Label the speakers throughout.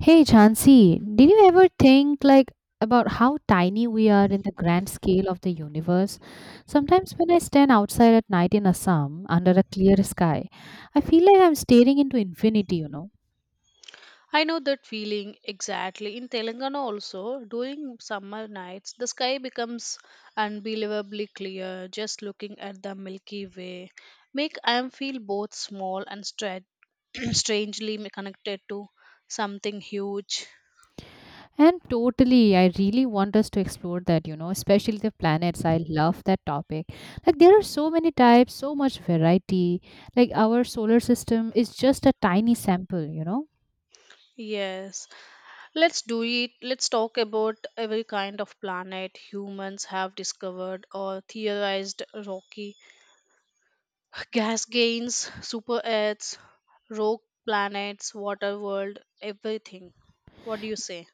Speaker 1: Hey Chansey, did you ever think like about how tiny we are in the grand scale of the universe? Sometimes when I stand outside at night in Assam under a clear sky, I feel like I'm staring into infinity, you know.
Speaker 2: I know that feeling exactly. In Telangana, also, during summer nights, the sky becomes unbelievably clear just looking at the Milky Way. Make I feel both small and strangely connected to something huge.
Speaker 1: And totally, I really want us to explore that, you know, especially the planets. I love that topic. Like, there are so many types, so much variety. Like, our solar system is just a tiny sample, you know.
Speaker 2: Yes, let's do it. Let's talk about every kind of planet humans have discovered or theorized: rocky, gas gains, super Earths, rogue planets, water world, everything. What do you say?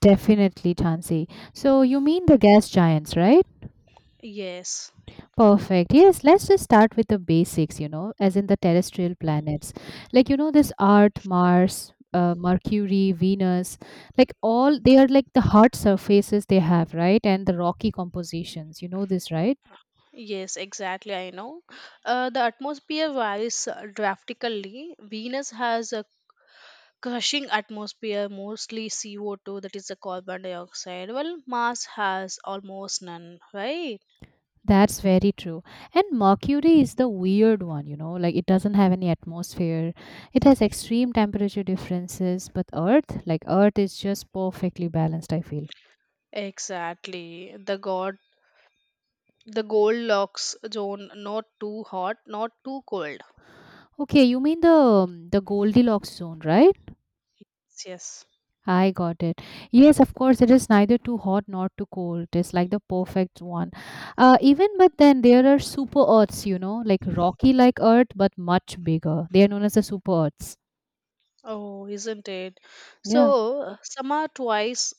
Speaker 1: Definitely, Chansey. So, you mean the gas giants, right?
Speaker 2: Yes,
Speaker 1: Perfect. Yes, let's just start with the basics, you know, as in the terrestrial planets. Like, you know, this Earth, Mars, Mercury, Venus, like all they are like the hard surfaces they have, right? And the rocky compositions. You know this, right?
Speaker 2: yes, exactly. I know. The atmosphere varies drastically. Venus has a crushing atmosphere, mostly CO2, that is the carbon dioxide, while Mars has almost none, right?
Speaker 1: That's very true. And Mercury is the weird one, you know, like it doesn't have any atmosphere. It has extreme temperature differences, but Earth, like Earth is just perfectly balanced, I feel.
Speaker 2: Exactly. The Goldilocks zone, not too hot, not too cold.
Speaker 1: Okay, you mean the Goldilocks zone, right?
Speaker 2: Yes.
Speaker 1: I got it. Yes, of course, it is neither too hot nor too cold. It's like the perfect one. Even but then there are super Earths, you know, like rocky like Earth, but much bigger. They are known as the super Earths.
Speaker 2: Oh, isn't it?
Speaker 1: Yeah.
Speaker 2: So, some are twice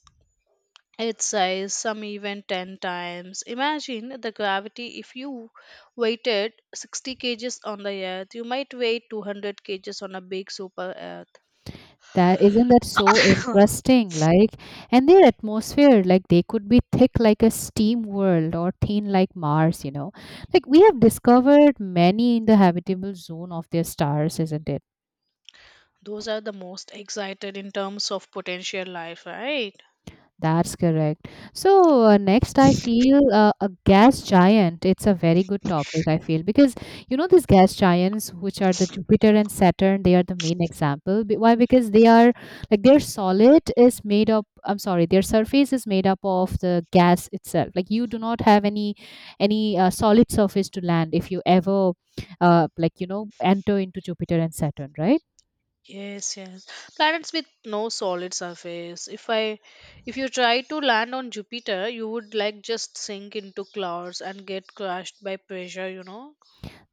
Speaker 2: its size, some even 10 times. Imagine the gravity if you weighted 60 kgs on the earth, you might weigh 200 kgs on a big super earth.
Speaker 1: That isn't that so interesting? Like, and their atmosphere, like they could be thick like a steam world or thin like Mars, you know. Like we have discovered many in the habitable zone of their stars, isn't it?
Speaker 2: Those are the most excited in terms of potential life, right?
Speaker 1: That's correct. So next, I feel a gas giant. It's a very good topic. I feel because you know these gas giants, which are the Jupiter and Saturn, they are the main example. Why? Because they are like their solid is made up. I'm sorry, their surface is made up of the gas itself. Like you do not have any solid surface to land if you ever like you know enter into Jupiter and Saturn, right?
Speaker 2: Yes, yes. Planets with no solid surface. If you try to land on Jupiter, you would like just sink into clouds and get crushed by pressure.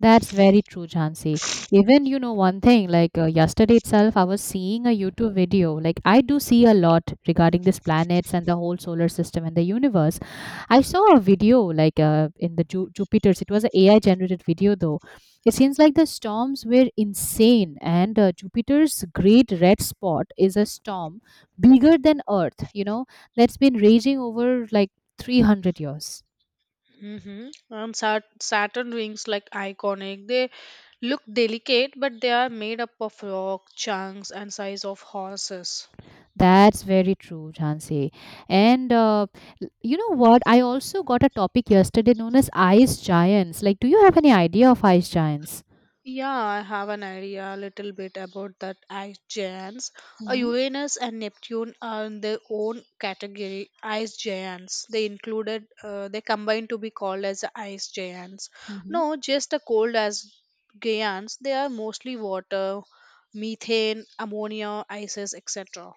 Speaker 1: That's very true, Jhansi. Even, you know, one thing, like yesterday itself, I was seeing a YouTube video. Like, I do see a lot regarding these planets and the whole solar system and the universe. I saw a video, like in the Jupiter's, it was an AI generated video, though. It seems like the storms were insane, and Jupiter's great red spot is a storm bigger than Earth, you know, that's been raging over like 300 years.
Speaker 2: Mm-hmm. And Saturn rings, like iconic. They look delicate, but they are made up of rock chunks and size of horses.
Speaker 1: That's very true, Jhansi. And you know what? I also got a topic yesterday known as ice giants. Like, do you have any idea of ice giants?
Speaker 2: Yeah, I have an idea a little bit about that ice giants.
Speaker 1: Mm-hmm.
Speaker 2: Uranus and Neptune are in their own category, ice giants. They included, they combined to be called as ice giants.
Speaker 1: Mm-hmm.
Speaker 2: No, just the cold as giants. They are mostly water, methane, ammonia, ices, etc.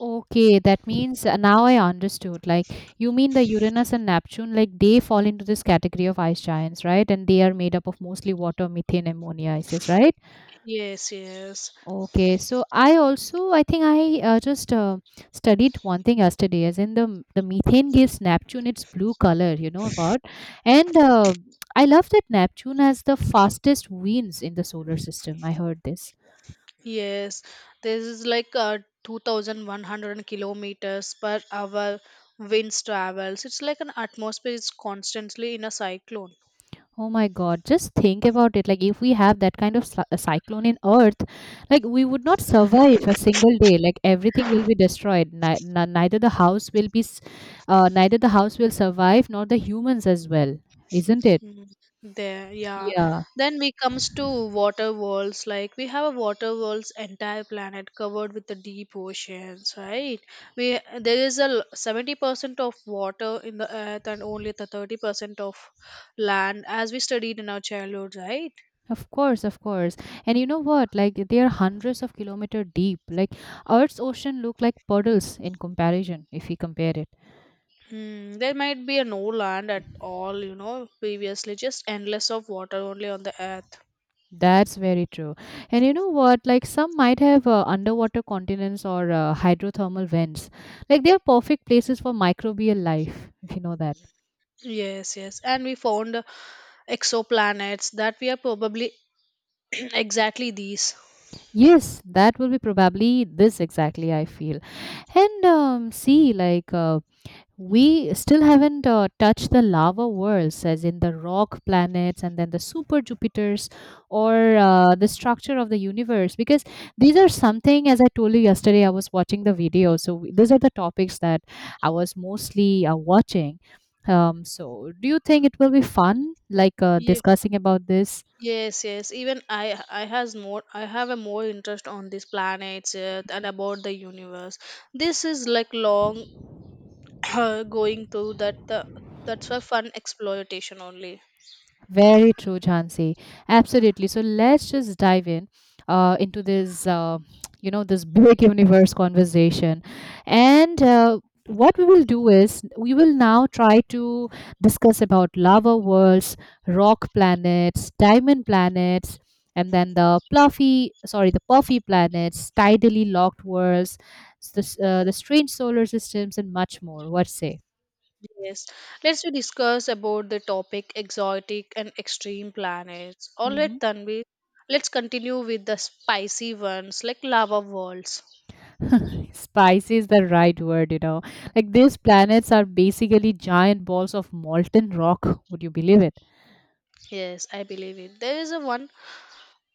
Speaker 1: Okay, that means now I understood. Like, you mean the Uranus and Neptune, like they fall into this category of ice giants, right? And they are made up of mostly water, methane, ammonia, ices, right?
Speaker 2: Yes, yes,
Speaker 1: Okay, so I also I think I just studied one thing yesterday, as in the methane gives Neptune its blue color. You know about, and I love that Neptune has the fastest winds in the solar system. I heard this.
Speaker 2: yes. This is like 2,100 kilometers per hour winds travels. It's like an atmosphere is constantly in a cyclone.
Speaker 1: Oh my God! Just think about it. Like if we have that kind of a cyclone in Earth, like we would not survive a single day. Like everything will be destroyed. Neither the house will be, neither the house will survive, nor the humans as well. Isn't it?
Speaker 2: Mm, there, yeah.
Speaker 1: Yeah.
Speaker 2: Then we comes to water worlds. Like we have a water world's entire planet covered with the deep oceans, right? We there is a 70% of water in the earth and only the 30% of land, as we studied in our childhood, right?
Speaker 1: Of course, of course. And you know what? Like they are hundreds of kilometer deep. Like Earth's ocean look like puddles in comparison if we compare it.
Speaker 2: Mm, there might be a no land at all, previously, just endless of water only on the earth.
Speaker 1: That's very true. And you know what? Like some might have underwater continents or hydrothermal vents. Like they are perfect places for microbial life, if you know that.
Speaker 2: Yes, yes. And we found exoplanets that we are probably exactly these.
Speaker 1: Yes, that will be probably this exactly, I feel. And see, like we still haven't touched the lava worlds as in the rock planets and then the super jupiters or the structure of the universe because these are something as I told you yesterday I was watching the video so these are the topics that I was mostly watching. So do you think it will be fun like
Speaker 2: Ye-
Speaker 1: discussing about this?
Speaker 2: yes, yes. Even I have a more interest on these planets Earth and about the universe. This is like long going through that's a fun exploitation only.
Speaker 1: Very true, Jhansi. Absolutely. So let's just dive in into this, you know, this big universe conversation. And what we will do is we will now try to discuss about lava worlds, rock planets, diamond planets, and then the fluffy, sorry, the puffy planets, tidally locked worlds, the, the strange solar systems, and much more. What say?
Speaker 2: Yes, let's we discuss about the topic exotic and extreme planets. All right, Tanvi, let's continue with the spicy ones like lava worlds.
Speaker 1: Spicy is the right word, you know. Like these planets are basically giant balls of molten rock. Would you believe it?
Speaker 2: Yes, I believe it. There is a one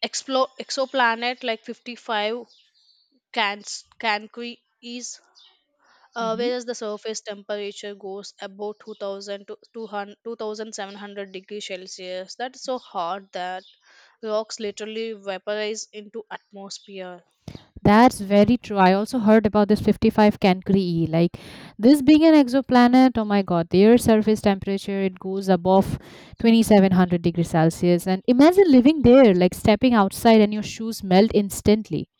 Speaker 2: exoplanet like 55 Cans Cancri is
Speaker 1: Hmm.
Speaker 2: whereas the surface temperature goes about 2000 to 200 2700 degrees Celsius. That's so hot that rocks literally vaporize into atmosphere.
Speaker 1: That's very true. I also heard about this 55 Cancri E. Like this being an exoplanet, oh my god, the Earth's surface temperature it goes above 2700 degrees Celsius. And imagine living there, like stepping outside and your shoes melt instantly.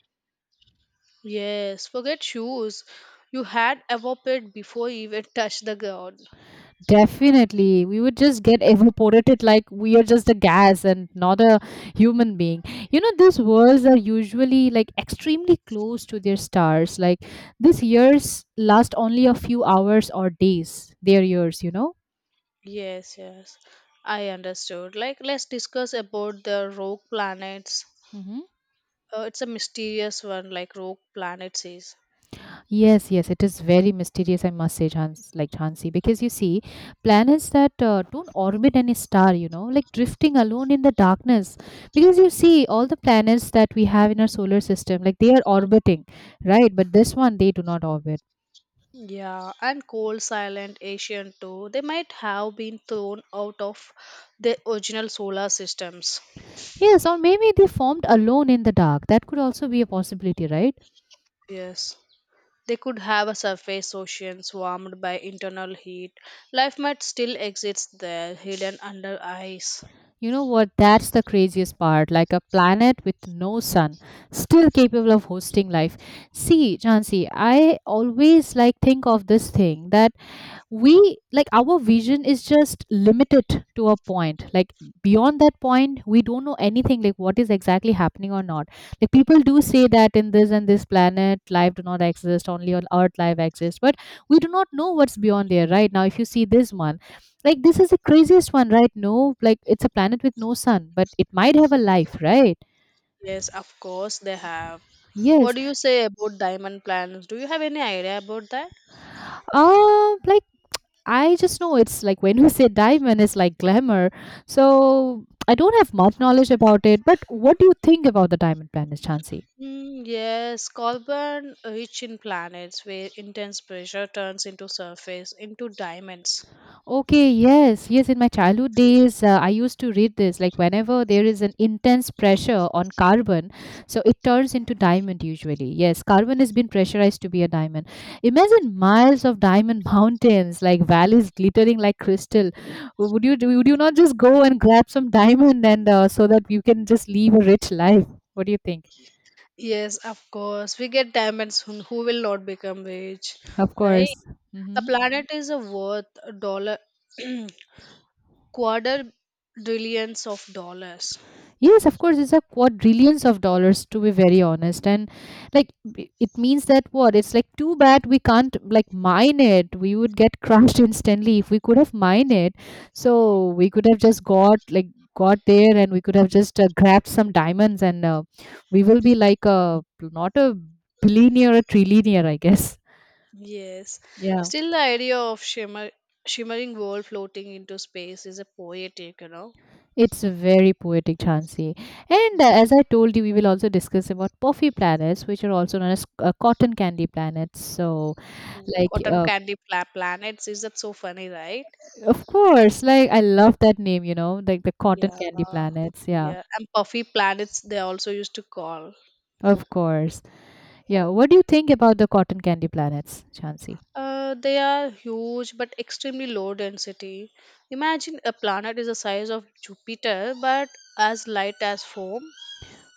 Speaker 2: Yes, forget shoes. You had evaporated before you even touched the ground.
Speaker 1: Definitely. We would just get evaporated like we are just a gas and not a human being. You know, these worlds are usually like extremely close to their stars. Like these years last only a few hours or days, their years, you know?
Speaker 2: Yes, yes. I understood. Like, let's discuss about the rogue planets.
Speaker 1: Mhm.
Speaker 2: It's a mysterious one, like rogue planets is.
Speaker 1: Yes, yes, it is very mysterious, I must say, Chans, like Chansi, because you see, planets that don't orbit any star, you know, like drifting alone in the darkness. Because you see, all the planets that we have in our solar system, like they are orbiting, right? But this one, they do not orbit.
Speaker 2: Yeah, and cold, silent, Asian too. They might have been thrown out of their original solar systems.
Speaker 1: Yes, or maybe they formed alone in the dark. That could also be a possibility, right?
Speaker 2: Yes. They could have a surface oceans warmed by internal heat. Life might still exist there, hidden under ice.
Speaker 1: You know what? That's the craziest part. Like a planet with no sun, still capable of hosting life. See, Jansi, I always like think of this thing that we like our vision is just limited to a point, like beyond that point we don't know anything, like what is exactly happening or not. Like people do say that in this and this planet life do not exist, only on earth life exists, but we do not know what's beyond there right now. If you see this one, like this is the craziest one, right? No, like it's a planet with no sun, but it might have a life, right?
Speaker 2: Yes, of course they have.
Speaker 1: Yes.
Speaker 2: What do you say about diamond planets? Do you have any idea about that?
Speaker 1: Like I just know it's like when you say diamond, it's like glamour. So I don't have much knowledge about it, but what do you think about the diamond planet, Chansey?
Speaker 2: Mm, yes, carbon rich in planets where intense pressure turns into surface into diamonds.
Speaker 1: Okay, yes, yes. In my childhood days, I used to read this. Like, whenever there is an intense pressure on carbon, so it turns into diamond usually. Yes, carbon has been pressurized to be a diamond. Imagine miles of diamond mountains, like valleys glittering like crystal. Would you do? Would you not just go and grab some diamond and so that you can just live a rich life? What do you think?
Speaker 2: Yes, of course. We get diamonds, who will not become rich,
Speaker 1: Of
Speaker 2: right?
Speaker 1: course.
Speaker 2: A
Speaker 1: Hmm.
Speaker 2: planet is a worth a dollar quarter billions of dollars.
Speaker 1: Yes, of course, it's a quadrillions of dollars to be very honest. And like it means that what? It's like too bad we can't like mine it. We would get crushed instantly if we could have mined it. So we could have just got like got there and we could have just grabbed some diamonds and we will be like a not a billionaire, a trillionaire, I guess.
Speaker 2: Yes.
Speaker 1: Yeah.
Speaker 2: Still the idea of shimmering world floating into space is a poetic.
Speaker 1: It's very poetic, Chansey. And as I told you, we will also discuss about puffy planets, which are also known as cotton candy planets. So, like,
Speaker 2: Cotton candy planets, is that so funny, right?
Speaker 1: of course, like I love that name. You know, like the cotton
Speaker 2: Yeah,
Speaker 1: candy planets. Yeah,
Speaker 2: yeah. And puffy planets, they also used to call.
Speaker 1: of course. Yeah. What do you think about the cotton candy planets, Chansey?
Speaker 2: They are huge, but extremely low density. Imagine a planet is the size of Jupiter, but as light as foam.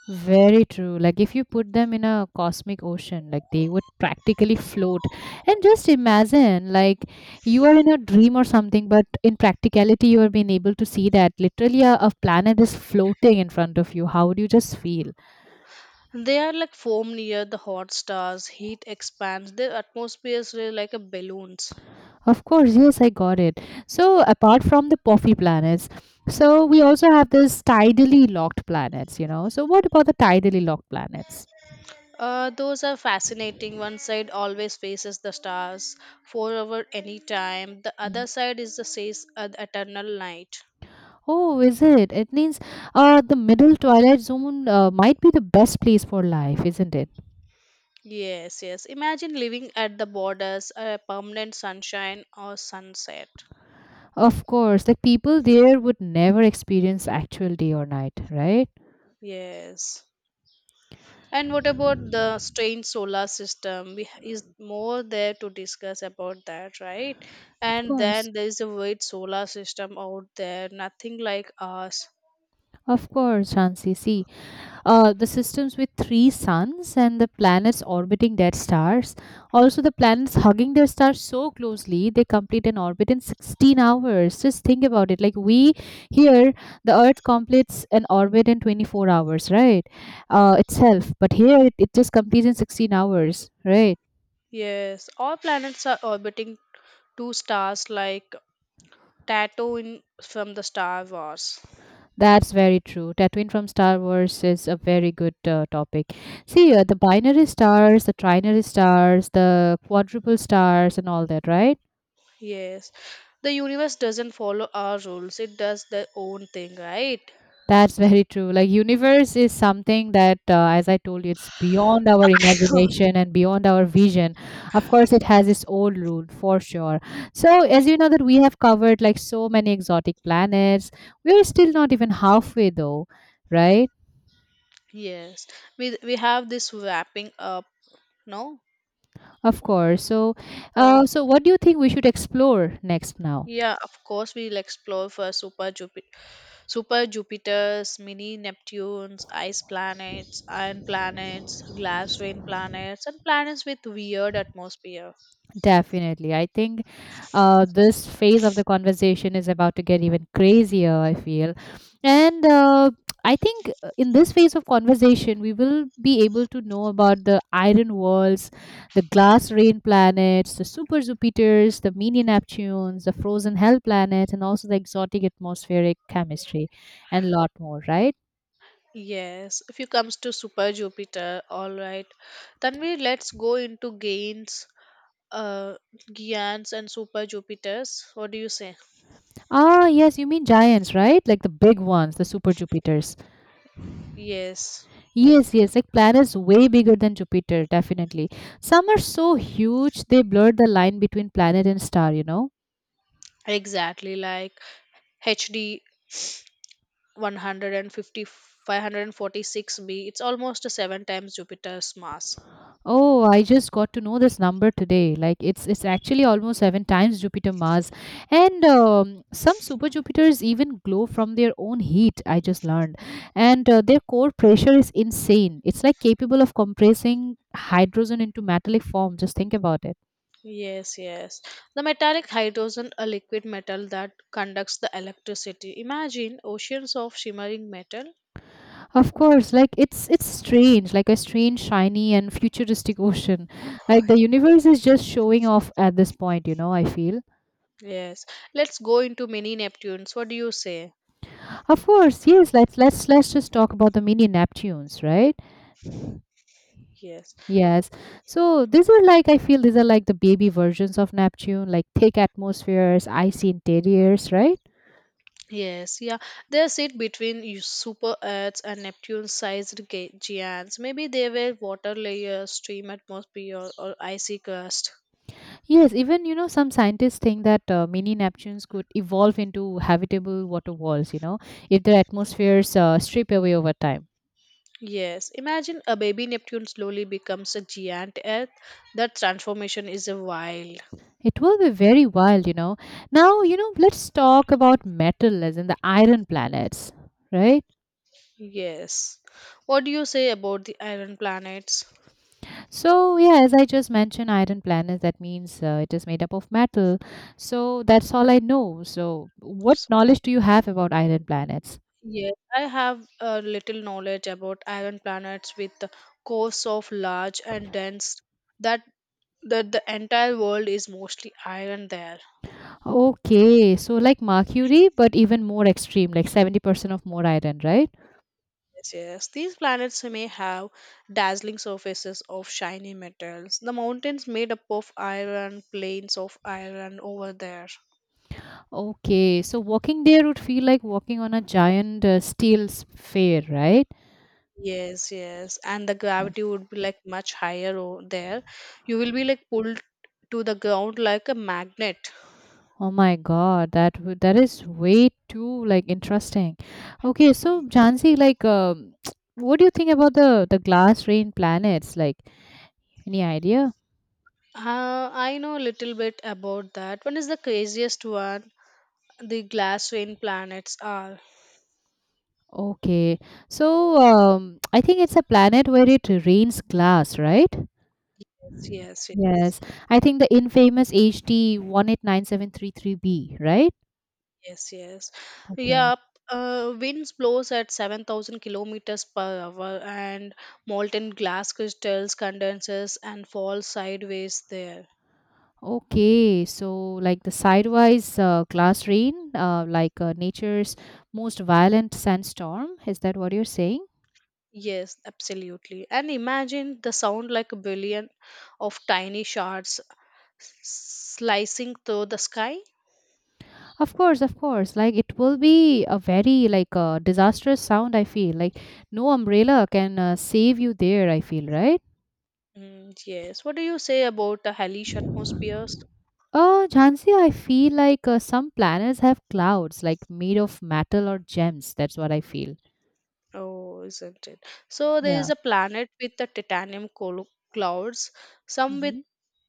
Speaker 1: Very true. Like if you put them in a cosmic ocean, like they would practically float. And just imagine, like you are in a dream or something, but in practicality, you are being able to see that literally a planet is floating in front of you. How would you just feel?
Speaker 2: They are like foam near the hot stars. Heat expands their atmospheres, really like a balloons.
Speaker 1: Of course, yes, I got it. So apart from the puffy planets, so we also have this tidally locked planets, you know. So what about the tidally locked planets?
Speaker 2: Those are fascinating. One side always faces the stars, 4 hour any time. The other side is the eternal night.
Speaker 1: Oh, is it? It means the middle twilight zone might be the best place for life, isn't it?
Speaker 2: Yes, yes. Imagine living at the borders, a permanent sunshine or sunset.
Speaker 1: Of course, like people there would never experience actual day or night, right?
Speaker 2: Yes. And what about the strange solar system? Is more there to discuss about that, right?
Speaker 1: Of
Speaker 2: And
Speaker 1: course.
Speaker 2: then there is a weird solar system out there, nothing like us.
Speaker 1: Of course, Shansi. See, the systems with three suns and the planets orbiting their stars. Also, the planets hugging their stars so closely they complete an orbit in 16 hours. Just think about it. Like we here, the Earth completes an orbit in 24 hours, right? Itself, but here it just completes in 16 hours, right?
Speaker 2: Yes, all planets are orbiting two stars like Tato in from the Star Wars.
Speaker 1: That's very true. Tatooine from Star Wars is a very good topic. See, the binary stars, the trinary stars, the quadruple stars, and all that, right?
Speaker 2: Yes. The universe doesn't follow our rules. It does their own thing, right?
Speaker 1: That's very true. Like universe is something that, as I told you, it's beyond our imagination and beyond our vision. Of course, it has its own rule for sure. So, as you know that we have covered like so many exotic planets, we're still not even halfway though, right?
Speaker 2: Yes. We have this wrapping up, no?
Speaker 1: Of course. So,
Speaker 2: Uh,
Speaker 1: uh, so what do you think we should explore next now?
Speaker 2: yeah, of course we'll explore for super Jupiters, mini Neptunes, ice planets, iron planets, glass rain planets, and planets with weird atmosphere.
Speaker 1: Definitely. I think this phase of the conversation is about to get even crazier, I feel. And I think in this phase of conversation, we will be able to know about the iron walls, the glass rain planets, the super Jupiters, the mini Neptunes, the frozen hell planet, and also the exotic atmospheric chemistry, and a lot more, right?
Speaker 2: Yes, if you comes to Super Jupiter, all right. Then we let's go into uh, Giants and Super Jupiters. What do you say?
Speaker 1: Ah, yes, you mean giants, right? Like the big ones, the super Jupiters.
Speaker 2: Yes,
Speaker 1: Yes, yes, like planets way bigger than Jupiter, definitely. Some are so huge they blur the line between planet and star, you know.
Speaker 2: exactly. Like HD one hundred and fifty five hundred and forty six b. It's almost seven times Jupiter's mass.
Speaker 1: Oh, I just got to know this number today. Like it's actually almost seven times Jupiter Mars, and some super Jupiters even glow from their own heat. I just learned, and their core pressure is insane. It's like capable of compressing hydrogen into metallic form. Just think about it.
Speaker 2: Yes, yes. The metallic hydrogen, a liquid metal that conducts the electricity. Imagine oceans of shimmering metal.
Speaker 1: Of course, like it's strange, like a strange, shiny and futuristic ocean. Like the universe is just showing off at this point, you know, I feel.
Speaker 2: Yes, let's go into mini Neptunes. What do you say?
Speaker 1: Of course, yes, let's just talk about the mini Neptunes, right?
Speaker 2: Yes,
Speaker 1: Yes. So these are like I feel these are like the baby versions of Neptune, like thick atmospheres, icy interiors, right?
Speaker 2: yes, yeah. They sit between you super Earths and Neptune-sized giants. Maybe they were water layers, stream atmosphere, or icy crust.
Speaker 1: Yes, even you know some scientists think that mini Neptunes could evolve into habitable water walls, you know, if their atmospheres strip away over time.
Speaker 2: Yes, imagine a baby Neptune slowly becomes a giant Earth. That transformation is a wild.
Speaker 1: It will be very wild, you know. Now, you know, let's talk about metal as in the iron planets, right?
Speaker 2: Yes. What do you say about the iron planets?
Speaker 1: So, yeah, as I just mentioned, iron planets, that means it is made up of metal. So, that's all I know. So, what knowledge do you have about iron planets?
Speaker 2: Yes, I have a little knowledge about iron planets with the cores so large and dense that that the entire world is mostly iron there.
Speaker 1: Okay, so like Mercury, but even more extreme, like 70% of more iron, right?
Speaker 2: Yes, yes. These planets may have dazzling surfaces of shiny metals. The mountains made up of iron, plains of iron over there.
Speaker 1: Okay, so walking there would feel like walking on a giant steel sphere, right?
Speaker 2: Yes, yes. And the gravity would be like much higher over there. You will be like pulled to the ground like a magnet.
Speaker 1: Oh my God, that is way too like interesting. Okay, so Jansi, like, what do you think about the glass rain planets? Like, any idea?
Speaker 2: I know a little bit about that. One is the craziest one. The glass rain planets are.
Speaker 1: Okay, so I think it's a planet where it rains glass, right?
Speaker 2: Yes, yes,
Speaker 1: Yes, I think the infamous HD 189733b, right?
Speaker 2: yes, yes.
Speaker 1: Okay.
Speaker 2: Yep. Winds blows at 7,000 kilometers per hour and molten glass crystals condenses and falls sideways there.
Speaker 1: Okay, so like the sidewise glass rain, like nature's most violent sandstorm, is that what you're saying?
Speaker 2: Yes, absolutely. And imagine the sound like a billion of tiny shards s- slicing through the sky.
Speaker 1: Of course, of course. Like it will be a very like disastrous sound. I feel like no umbrella can save you there. I feel right.
Speaker 2: Mm, yes. What do you say about the hellish atmosphere?
Speaker 1: Jhansi, I feel like some planets have clouds like made of metal or gems. That's what I feel.
Speaker 2: Oh, isn't it? So there
Speaker 1: Yeah.
Speaker 2: is a planet with the titanium clouds, some with
Speaker 1: Mhm.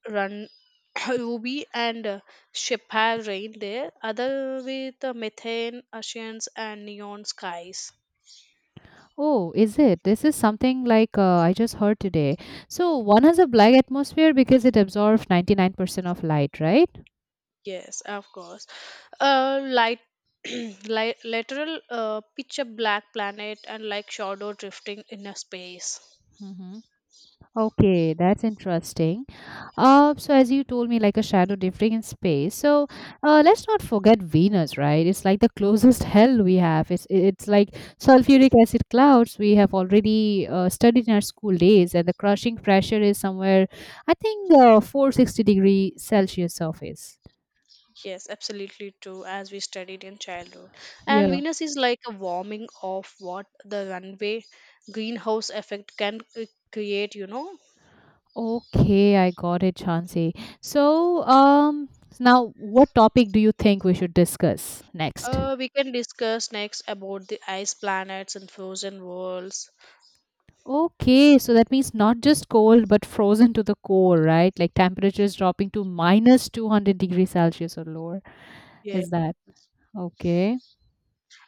Speaker 2: run ruby and sapphire rain there, other with methane, oceans, and neon skies.
Speaker 1: Oh, is it? This is something like I just heard today. So one has a black atmosphere because it absorbs 99% of light, right?
Speaker 2: Yes, of course. Light. Light, lateral picture black planet and like shadow drifting in a space.
Speaker 1: Mm-hmm. Okay, that's interesting. So as you told me, like a shadow drifting in space. So let's not forget Venus, right? It's like the closest hell we have. It's like sulfuric acid clouds we have already studied in our school days, and the crushing pressure is somewhere, I think, 460-degree Celsius surface.
Speaker 2: Yes, absolutely true, as we studied in childhood. And
Speaker 1: Yeah.
Speaker 2: Venus is like a warming of what the runway greenhouse effect can create.
Speaker 1: Okay, I got it, Chansey. So, now what topic do you think we should discuss next?
Speaker 2: We can discuss next about the ice planets and frozen worlds.
Speaker 1: Okay, so that means not just cold but frozen to the core, right? Like temperatures dropping to minus 200 degrees Celsius or lower.
Speaker 2: Yeah,
Speaker 1: Is that okay?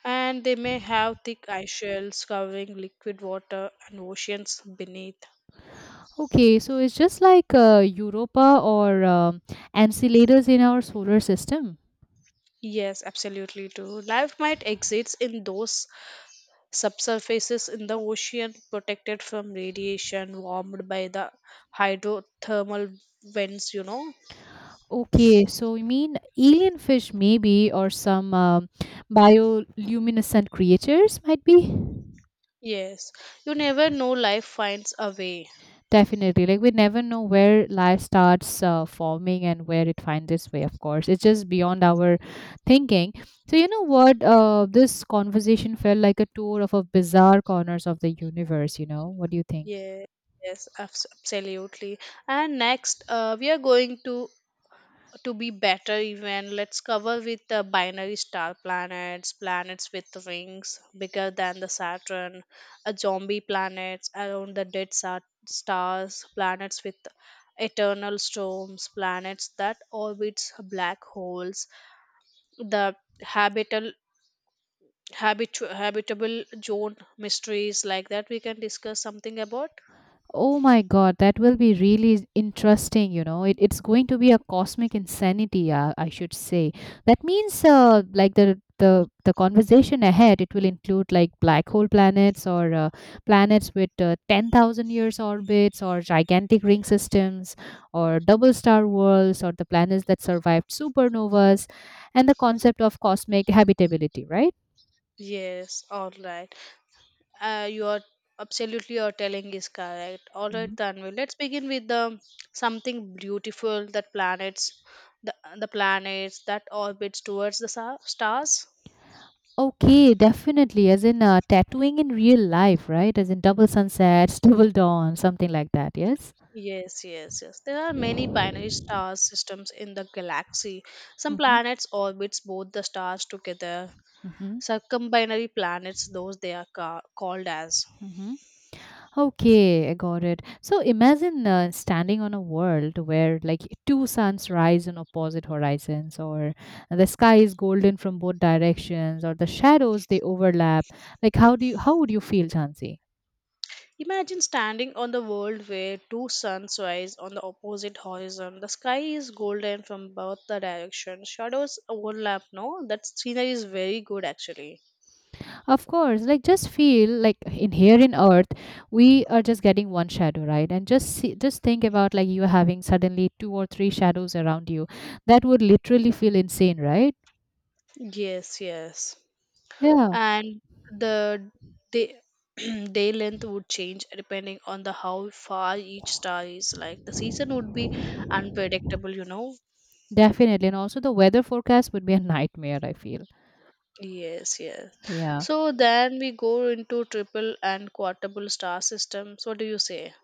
Speaker 2: and they may have thick ice shells covering liquid water and oceans beneath.
Speaker 1: Okay, so it's just like Europa or ancilators in our solar system.
Speaker 2: Yes, absolutely true. Life might exist in those subsurfaces in the ocean, protected from radiation, warmed by the hydrothermal vents.
Speaker 1: Okay, so you mean alien fish maybe or some bioluminescent creatures might be?
Speaker 2: Yes, you never know. Life finds a way.
Speaker 1: Definitely. Like we never know where life starts forming and where it finds its way, of course. It's just beyond our thinking. So, you know what? This conversation felt like a tour of a bizarre corners of the universe, you know? What do you think?
Speaker 2: Yeah, yes, absolutely. And next, we are going to be better. Even, let's cover with the binary star planets, planets with rings bigger than the Saturn, a zombie planets around the dead stars, planets with eternal storms, planets that orbits black holes, the habitable habitable zone mysteries, like that we can discuss something about.
Speaker 1: Oh my God, that will be really interesting. You know, it's going to be a cosmic insanity, I should say. That means, like the conversation ahead, it will include like black hole planets or planets with 10,000 years orbits or gigantic ring systems or double star worlds or the planets that survived supernovas and the concept of cosmic habitability, right?
Speaker 2: Yes, all right. You are absolutely your telling is correct. All right, Tanvi. Let's begin with the something beautiful that planets, the planets that orbits towards the stars.
Speaker 1: Okay, definitely. As in tattooing in real life, right? As in double sunsets, double dawn, something like that. Yes.
Speaker 2: Yes, yes, yes. There are many binary star systems in the galaxy. Some
Speaker 1: Mm-hmm.
Speaker 2: planets orbits both the stars together.
Speaker 1: Mm-hmm.
Speaker 2: Circumbinary planets, those they are called as.
Speaker 1: Mm-hmm. Okay, I got it. So imagine standing on a world where like two suns rise on opposite horizons, or the sky is golden from both directions, or the shadows they overlap. Like, how would you feel, Chansi?
Speaker 2: Imagine standing on the world where two suns rise on the opposite horizon. The sky is golden from both the directions. Shadows overlap, no? That scenery is very good actually.
Speaker 1: Of course, like just feel like in here in Earth, we are just getting one shadow, right? And just see, just think about like you having suddenly two or three shadows around you. That would literally feel insane, right?
Speaker 2: Yes, yes.
Speaker 1: Yeah,
Speaker 2: And the day, day length would change depending on the how far each star is. Like the season would be unpredictable.
Speaker 1: definitely. And also the weather forecast would be a nightmare, I feel.
Speaker 2: Yes, yes.
Speaker 1: Yeah.
Speaker 2: So then we go into triple and quadruple star system. So what do you say?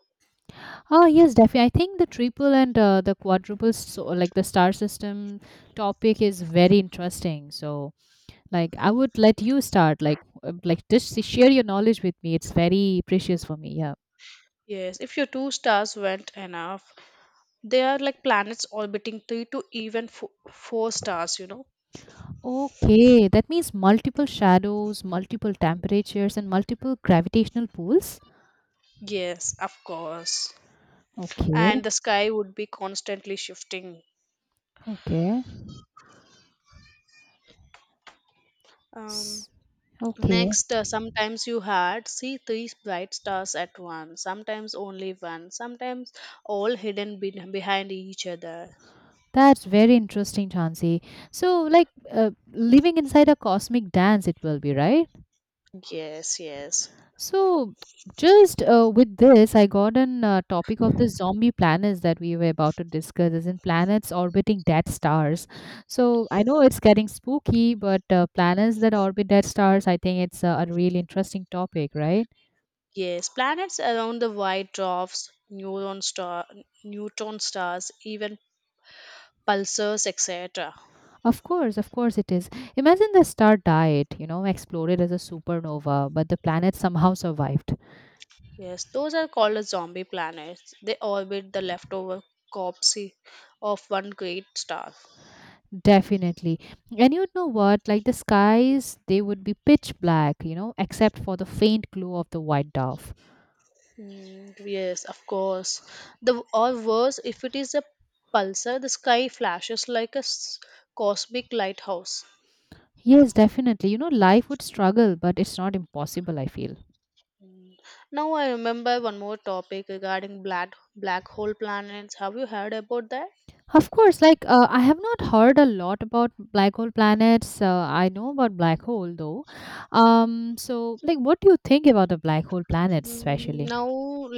Speaker 1: Oh yes, definitely. I think the triple and the quadruple, so like the star system topic is very interesting. So like I would let you start, like just share your knowledge with me. It's very precious for me. Yeah.
Speaker 2: Yes, if your two stars weren't enough, they are like planets orbiting three to even four stars, you know?
Speaker 1: Okay, that means multiple shadows, multiple temperatures, and multiple gravitational pulls.
Speaker 2: Yes, of course.
Speaker 1: Okay,
Speaker 2: And the sky would be constantly shifting.
Speaker 1: okay,
Speaker 2: Um,
Speaker 1: S- okay.
Speaker 2: next, sometimes you had see three bright stars at once, sometimes only one, sometimes all hidden behind each other.
Speaker 1: That's very interesting, Chansey. So, like, living inside a cosmic dance, it will be, right?
Speaker 2: Yes, yes.
Speaker 1: So, just with this, I got an topic of the zombie planets that we were about to discuss, as in planets orbiting dead stars. So, I know it's getting spooky, but planets that orbit dead stars, I think it's a really interesting topic, right?
Speaker 2: Yes, planets around the white dwarfs, neutron stars, even pulsars, etc.
Speaker 1: Of course it is. Imagine the star died, you know, exploded as a supernova, but the planet somehow survived.
Speaker 2: Yes, those are called as zombie planets. They orbit the leftover corpse of one great star.
Speaker 1: Definitely. And you know what? Like the skies, they would be pitch black, you know, except for the faint glow of the white dwarf.
Speaker 2: And yes, of course. The or worse, if it is a pulsar, the sky flashes like a cosmic lighthouse.
Speaker 1: Yes, definitely. You know, life would struggle, but it's not impossible, I feel.
Speaker 2: Now I remember one more topic regarding black hole planets. Have you heard about that?
Speaker 1: Of course, like I have not heard a lot about black hole planets. I know about black hole though. So like, what do you think about the black hole planets,
Speaker 2: Mm,
Speaker 1: especially?
Speaker 2: now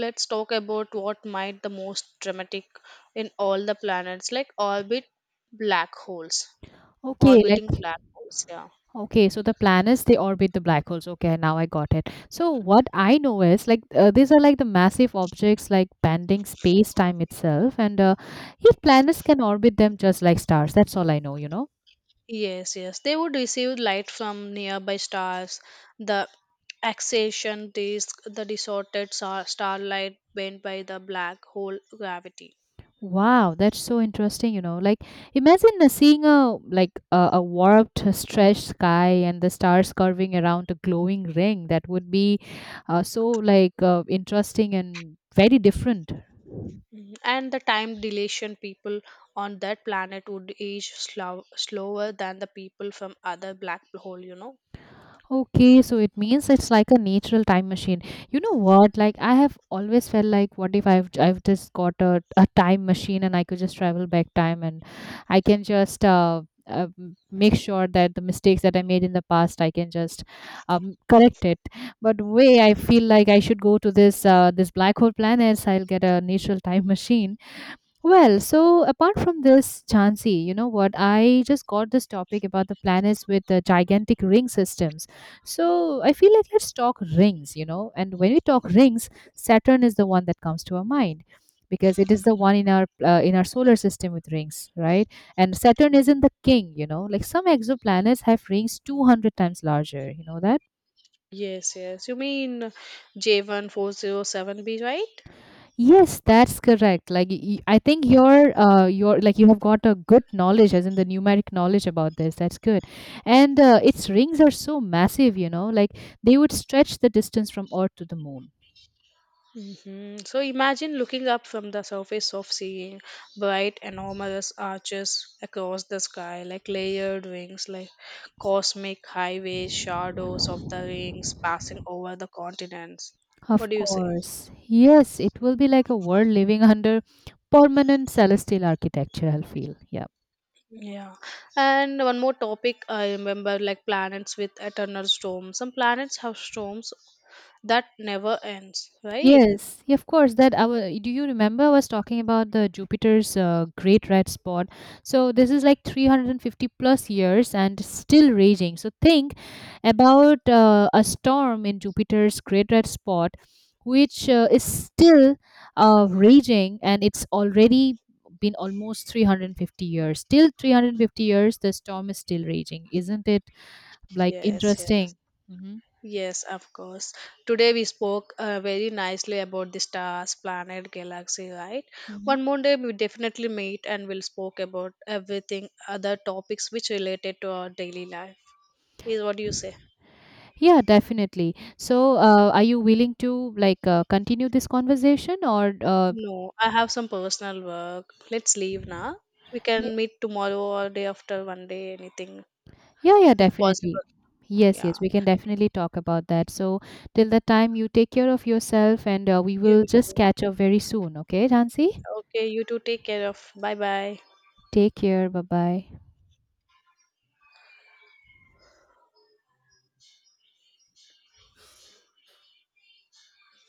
Speaker 2: let's talk about what might the most dramatic in all the planets like orbit black holes.
Speaker 1: Okay, like
Speaker 2: Orbiting black holes, yeah.
Speaker 1: okay, so the planets they orbit the black holes. Okay, now I got it. So what I know is like these are like the massive objects like bending space time itself, and if planets can orbit them just like stars. That's all I know. You know.
Speaker 2: Yes, yes. They would receive light from nearby stars. The accretion disk, the distorted starlight bent by the black hole gravity.
Speaker 1: Wow, that's so interesting, you know. Like imagine seeing a a warped stretched sky and the stars curving around a glowing ring. That would be so like interesting and very different.
Speaker 2: Mhm. And the time dilation people on that planet would age slower than the people from other black hole?
Speaker 1: Okay, so it means it's like a natural time machine. You know what? Like I have always felt like, what if I've just got a time machine and I could just travel back time and I can just make sure that the mistakes that I made in the past I can just correct it. But way I feel like I should go to this black hole planets. I'll get a natural time machine well, so apart from this, Chansey, you know what? I just got this topic about the planets with the gigantic ring systems. So I feel like let's talk rings, you know. And when we talk rings, Saturn is the one that comes to our mind because it is the one in our solar system with rings, right? And Saturn isn't the king, you know. Like some exoplanets have rings 200 times larger. You know that?
Speaker 2: Yes, yes. You mean J1407b, right?
Speaker 1: Yes, that's correct. Like I think you're like you have got a good knowledge as in the numeric knowledge about this. That's good. And its rings are so massive, you know, like they would stretch the distance from Earth to the moon.
Speaker 2: Hmm. So imagine looking up from the surface of seeing bright, enormous arches across the sky, like layered rings, like cosmic highways, shadows of the rings passing over the continents. What
Speaker 1: Of
Speaker 2: do you say?
Speaker 1: course. Yes, it will be like a world living under permanent celestial architecture, I'll feel. Yeah.
Speaker 2: Yeah. And one more topic I remember, like planets with eternal storms. Some planets have storms that never ends, right?
Speaker 1: Yes, yeah, of course. That I our do you remember I was talking about the Jupiter's Great Red Spot? So this is like 350 plus years and still raging. So think about a storm in Jupiter's Great Red Spot, which is still raging, and it's already been almost 350 years. Still 350 years, the storm is still raging. Isn't it like
Speaker 2: Yes, yes.
Speaker 1: interesting? Mm-hmm.
Speaker 2: Yes, of course. Today we spoke very nicely about the stars, planet, galaxy, right? One more day we definitely meet and we'll spoke about everything, other topics which related to our daily life. Is what do you say?
Speaker 1: Yeah, definitely. So, are you willing to like continue this conversation or
Speaker 2: No, I have some personal work. Let's leave now. We
Speaker 1: Ye-
Speaker 2: can meet tomorrow or day after one day, anything
Speaker 1: yeah, yeah,
Speaker 2: if
Speaker 1: definitely.
Speaker 2: possible.
Speaker 1: Yes, yes,
Speaker 2: Yeah.
Speaker 1: we can definitely talk about that. So, till that time, you take care of yourself and we will
Speaker 2: You
Speaker 1: just
Speaker 2: too.
Speaker 1: catch up very soon, okay, Jansi?
Speaker 2: Okay, you too. Take care of. Bye bye.
Speaker 1: Take care. Bye bye.